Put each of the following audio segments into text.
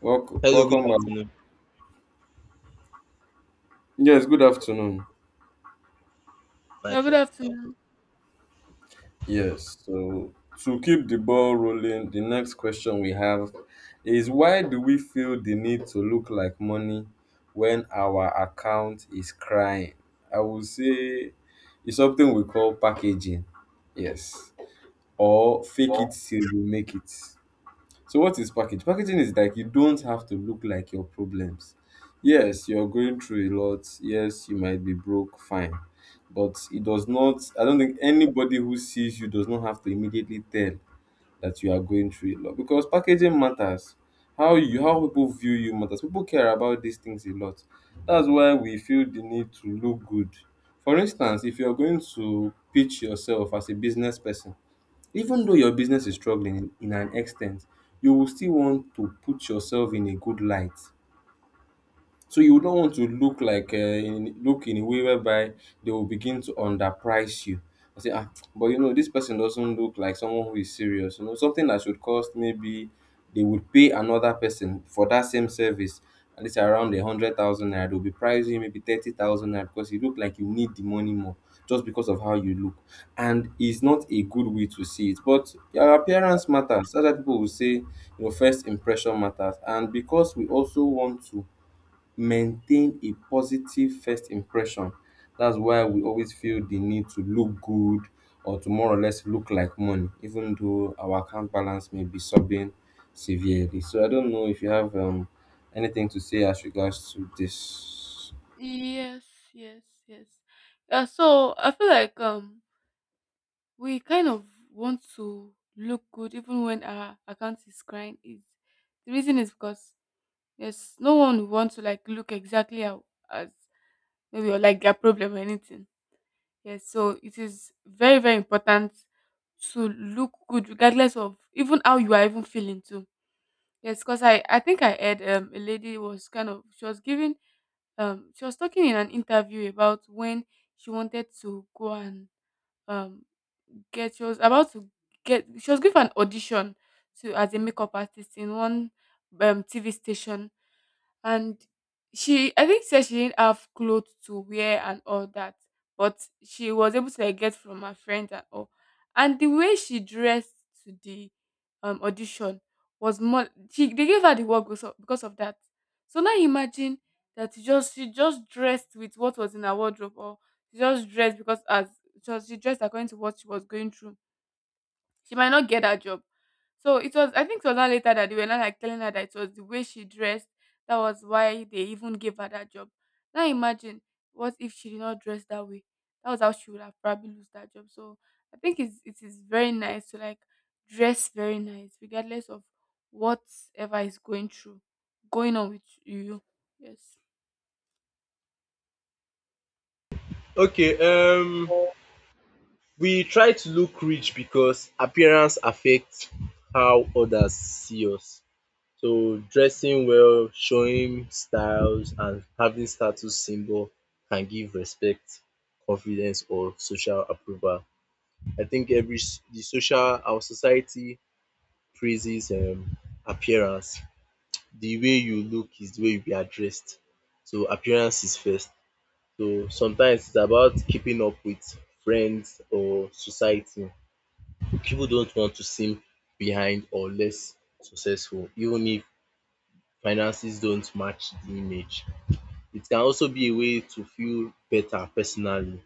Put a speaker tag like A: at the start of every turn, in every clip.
A: Welcome,
B: Hello, good
A: welcome back.
B: afternoon,
A: Yes, good afternoon.
C: Good
B: Michael.
C: afternoon.
A: Yes, so to keep the ball rolling, the next question we have is, why do we feel the need to look like money when our account is crying? I would say it's something we call packaging. Yes, or fake it
C: Well,
A: till you make it. So what is package? Packaging is like, you don't have to look like your problems. Yes, you're going through a lot. Yes, you might be broke, fine. But it does not, I don't think anybody who sees you does not have to immediately tell that you are going through a lot, because packaging matters. How people view you matters. People care about these things a lot. That's why we feel the need to look good. For instance, if you're going to pitch yourself as a business person, even though your business is struggling in an extent, you will still want to put yourself in a good light, so you would not want to look like look in a way whereby they will begin to underprice you. I say, ah, but you know, this person doesn't look like someone who is serious. You know, something that should cost, maybe they would pay another person for that same service, and it's around 100,000 naira. They'll be pricing you maybe 30,000 naira because you look like you need the money more, just because of how you look, and it's not a good way to see it. But your appearance matters. Other people will say, you know, first impression matters, and because we also want to maintain a positive first impression. That's why we always feel the need to look good, or to more or less look like money, even though our account balance may be subbing severely. So I don't know if you have anything to say as regards to this.
C: yes, yes, yes. So I feel like we kind of want to look good even when our account is crying. Is the reason is because yes, no one would want to like look exactly how, as maybe or like their problem or anything. Yes, so it is very important to look good regardless of even how you are even feeling too. Yes, because I think I heard a lady was kind of she was giving she was talking in an interview about when she wanted to go and um get she was about to get she was given an audition to as a makeup artist in one TV station, and she I think said she didn't have clothes to wear and all that, but she was able to like get from her friends and all. And the way she dressed to the audition was more she they gave her the work because of that. So now imagine that she just dressed with what was in her wardrobe or she just dressed because as because she dressed according to what she was going through. She might not get that job. So it was I think it was not later that they were not like telling her that it was the way she dressed that was why they even gave her that job. Now imagine what if she did not dress that way. That was how she would have probably lose that job. So I think it is very nice to like dress very nice regardless of whatever is going on with you. Yes.
B: Okay, um, we try to look rich because appearance affects how others see us. So dressing well, showing styles, and having status symbol can give respect, confidence, or social approval. I think the social our society praises appearance. The way you look is the way you be addressed. So appearance is first. So sometimes it's about keeping up with friends or society. People don't want to seem behind or less successful, even if finances don't match the image. It can also be a way to feel better personally.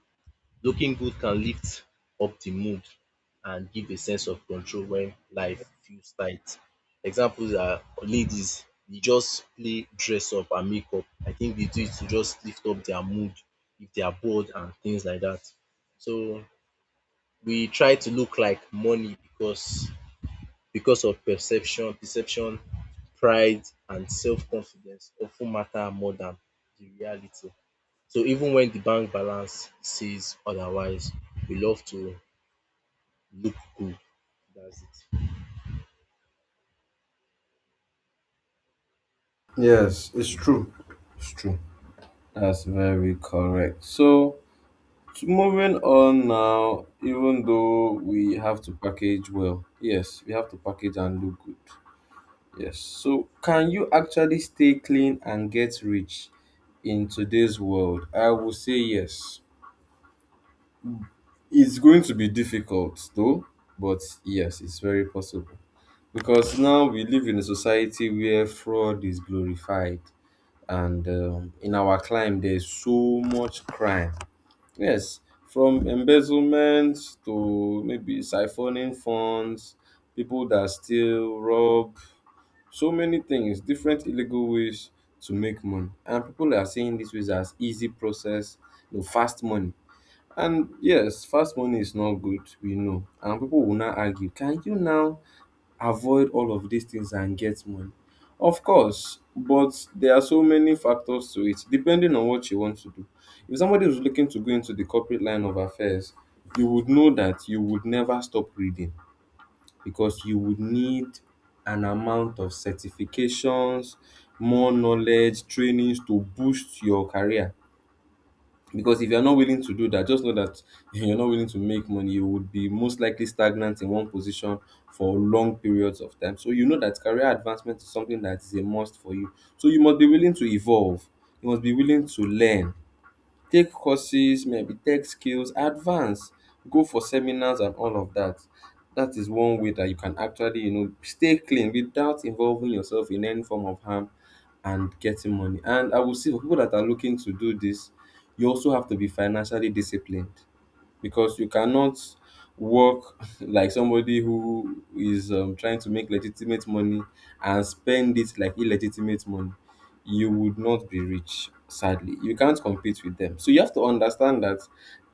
B: Looking good can lift up the mood and give a sense of control when life feels tight. Examples are ladies, they just play dress up and makeup. I think they do it to just lift up their mood if they are bored and things like that. So we try to look like money because of perception, pride and self-confidence often matter more than the reality. So even when the bank balance says otherwise, we love to look cool. That's it.
A: Yes, it's true. It's true. That's very correct. So, to moving on now, even though we have to package well, yes, we have to package and look good. Yes. So, can you actually stay clean and get rich in today's world? I will say yes. It's going to be difficult though, but yes, it's very possible. Because now we live in a society where fraud is glorified, and in our climb, there's so much crime. Yes, from embezzlement to maybe siphoning funds, people that steal, rob, so many things, different illegal ways to make money. And people are seeing this ways as easy process, you know, fast money. And yes, fast money is not good, we know. And people will now argue, can you now avoid all of these things and get money? Of course, but there are so many factors to it, depending on what you want to do. If somebody is looking to go into the corporate line of affairs, you would know that you would never stop reading, because you would need an amount of certifications, more knowledge, trainings to boost your career. Because if you're not willing to do that, just know that you're not willing to make money, you would be most likely stagnant in one position for long periods of time. So you know that career advancement is something that is a must for you. So you must be willing to evolve, you must be willing to learn, take courses, maybe tech skills advance, go for seminars and all of that. That is one way that you can actually, you know, stay clean without involving yourself in any form of harm and getting money. And I will say, for people that are looking to do this, you also have to be financially disciplined, because you cannot work like somebody who is trying to make legitimate money and spend it like illegitimate money. You would not be rich, sadly. You can't compete with them, so you have to understand that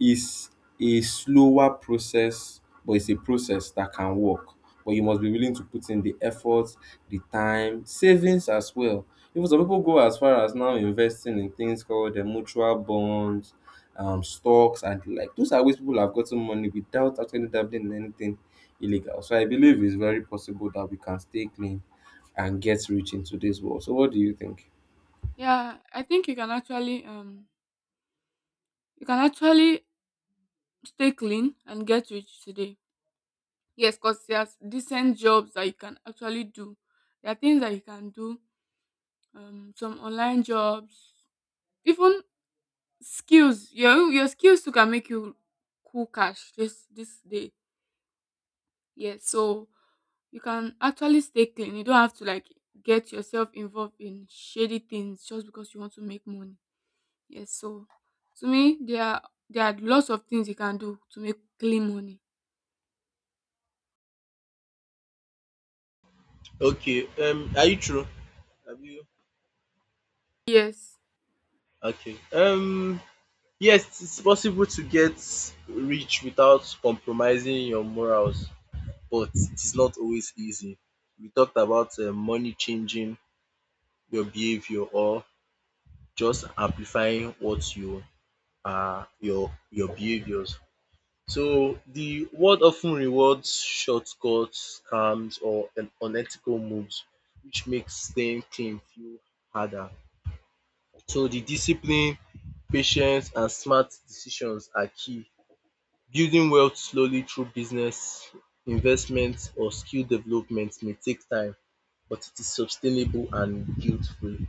A: it's a slower process, but it's a process that can work. But you must be willing to put in the effort, the time, savings as well. Even some people go as far as now investing in things called the mutual bonds, stocks and the like. Those are ways people have gotten money without actually dabbling in anything illegal. So I believe it's very possible that we can stay clean and get rich in today's world. So what do you think?
C: Yeah, I think you can actually you can actually stay clean and get rich today. Yes, because there's decent jobs that you can actually do. There are things that you can do, some online jobs, even skills. Your skills too can make you cool cash this day. Yes, so you can actually stay clean. You don't have to like get yourself involved in shady things just because you want to make money. Yes, so to me there are lots of things you can do to make clean money.
B: Okay. Are you true? Have you?
C: Yes.
B: Okay. Yes, it's possible to get rich without compromising your morals, but it is not always easy. We talked about money changing your behavior or just amplifying what you are your behaviors. So the world often rewards shortcuts, scams, or unethical moves, which makes staying clean feel harder. So the discipline, patience, and smart decisions are key. Building wealth slowly through business, investment, or skill development may take time, but it is sustainable and guilt-free.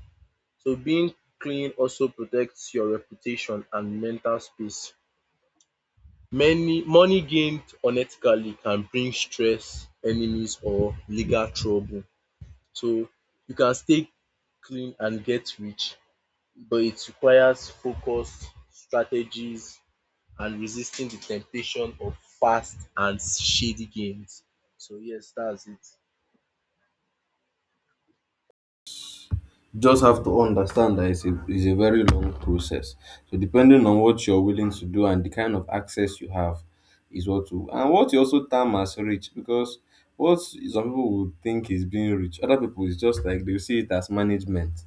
B: So being clean also protects your reputation and mental space. Many Money gained unethically can bring stress, enemies or legal trouble. So you can stay clean and get rich, but it requires focus, strategies and resisting the temptation of fast and shady gains. So yes, that's it.
A: Just have to understand that it's a very long process. So depending on what you're willing to do and the kind of access you have is what you, and what you also term as rich. Because what some people would think is being rich, other people is just like they see it as management.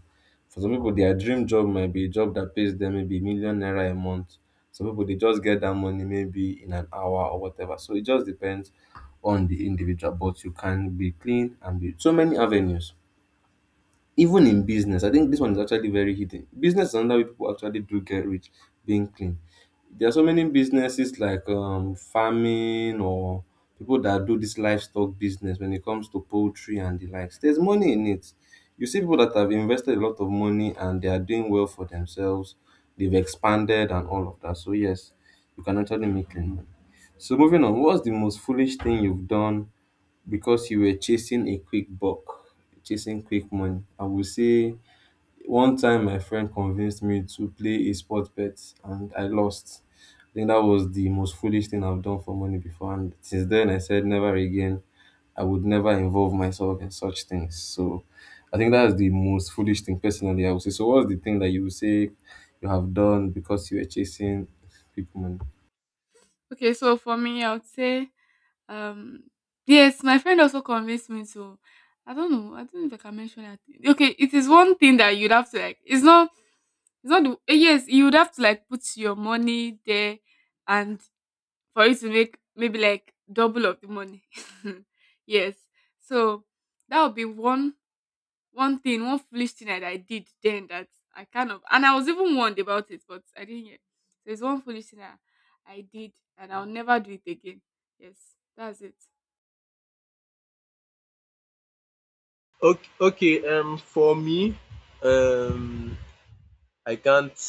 A: For some people, their dream job might be a job that pays them maybe 1 million naira a month. Some people they just get that money maybe in an hour or whatever. So it just depends on the individual, but you can be clean and be so many avenues. Even in business, I think this one is actually very hidden. Business is another way people actually do get rich being clean. There are so many businesses, like farming, or people that do this livestock business when it comes to poultry and the likes. There's money in it. You see people that have invested a lot of money and they are doing well for themselves. They've expanded and all of that. So yes, you can actually make clean money. So moving on, what's the most foolish thing you've done because you were chasing a quick buck, chasing quick money? I would say one time my friend convinced me to play a sport bet and I lost. I think that was the most foolish thing I've done for money before. And since then, I said never again. I would never involve myself in such things. So I think that's the most foolish thing personally I would say. So what's the thing that you would say you have done because you were chasing quick money?
C: Okay, so for me, I would say, um, yes, my friend also convinced me to. I don't know. I don't know if I can mention that. Okay, it is one thing that you'd have to like. It's not. It's not. The, eh, yes, you would have to like put your money there, and for you to make maybe like double of the money. Yes. So that would be one foolish thing that I did then that I kind of and I was even warned about it, but I didn't hear. There's one foolish thing that I did and I'll never do it again. Yes, that's it.
B: Okay, for me, um, I can't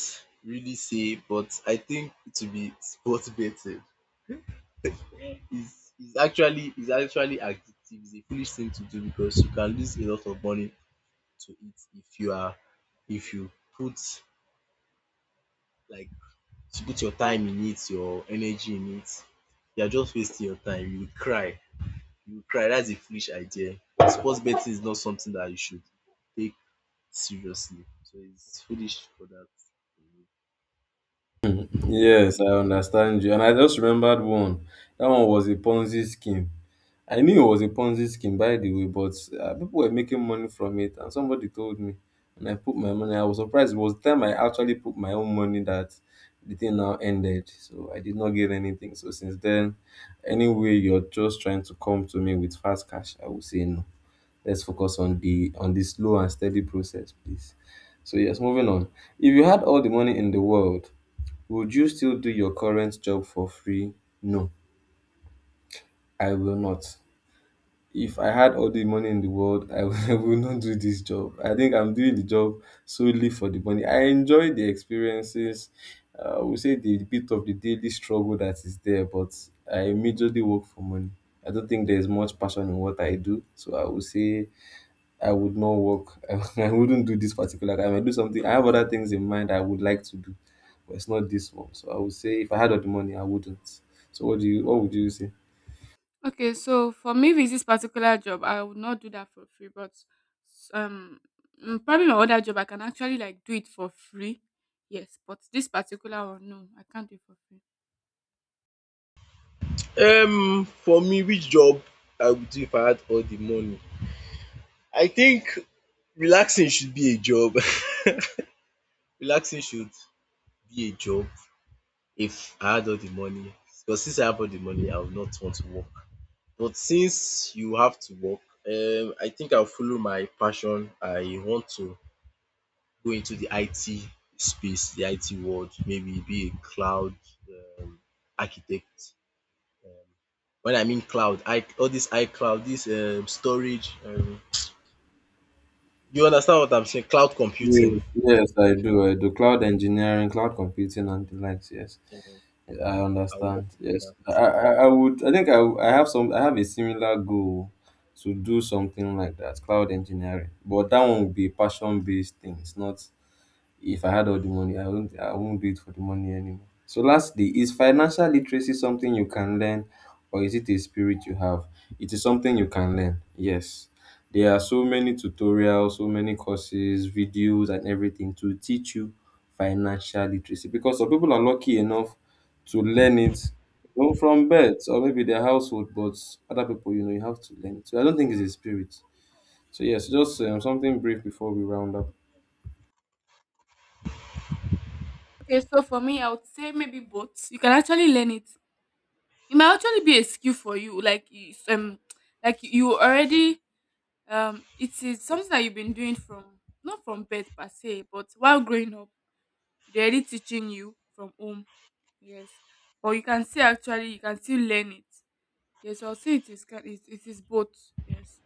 B: really say, but I think it will be sports betting. Is actually addictive. It's a foolish thing to do because you can lose a lot of money to it if you are, if you put, like, if you put your time in it, your energy in it. You are just wasting your time. You will cry. You will cry. That's a foolish idea. Sports betting is not something that you should take seriously. So it's foolish for that.
A: Yes, I understand you. And I just remembered one. That one was a Ponzi scheme. I knew it was a Ponzi scheme, by the way, but people were making money from it. And somebody told me, and I put my money. I was surprised. It was the time I actually put my own money that the thing now ended. So I did not get anything. So since then, anyway, you're just trying to come to me with fast cash, I would say no. Let's focus on the slow and steady process, please. So yes, moving on. If you had all the money in the world, would you still do your current job for free? No, I will not. If I had all the money in the world, I will, I will not do this job. I think I'm doing the job solely for the money. I enjoy the experiences. I would say the bit of the daily struggle that is there, but I majorly work for money. I don't think there's much passion in what I do. So I would say I would not work. I wouldn't do this particular time. I do something. I have other things in mind I would like to do, but it's not this one. So I would say if I had all the money, I wouldn't. So what do you? What would you say?
C: Okay, so for me with this particular job, I would not do that for free, but um probably my other job I can actually like do it for free. Yes, but this particular one, no, I can't do it for free.
B: Um, for me, which job I would do if I had all the money? I think relaxing should be a job. Relaxing should be a job if I had all the money, because since I have all the money I would not want to work. But since you have to work, um, I think I'll follow my passion. I want to go into the IT space, the IT world, maybe be a cloud um architect. um When I mean cloud, I all this iCloud, this storage, um, you understand what I'm saying? Cloud computing.
A: Yes, yes, I do. I do cloud engineering, cloud computing, and the likes. Yes, I
B: I will work.
A: understand. Yes, I would. I think I have some. I have a similar goal to do something like that, cloud engineering. But that one would be passion based things, not. If I had all the money, I won't do it for the money anymore. So lastly, is financial literacy something you can learn, or is it a spirit you have? It is something you can learn. Yes. There are so many tutorials, so many courses, videos and everything to teach you financial literacy, because some people are lucky enough to learn it, you know, from birth or maybe their household, but other people, you know, you have to learn it. So I don't think it's a spirit. So yes, just something brief before we round up.
C: Okay, so for me, I would say maybe both. You can actually learn it. It might actually be a skill for you. Like it's, like you already it is something that you've been doing from not from birth per se, but while growing up, they're already teaching you from home. Yes, but you can still actually you can still learn it. Yes, I'll say it is it is both. Yes.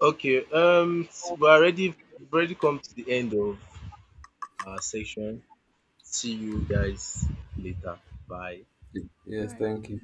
B: We're already come to the end of our section. See you guys later. Bye.
C: All
A: Yes,
C: right.
A: thank you.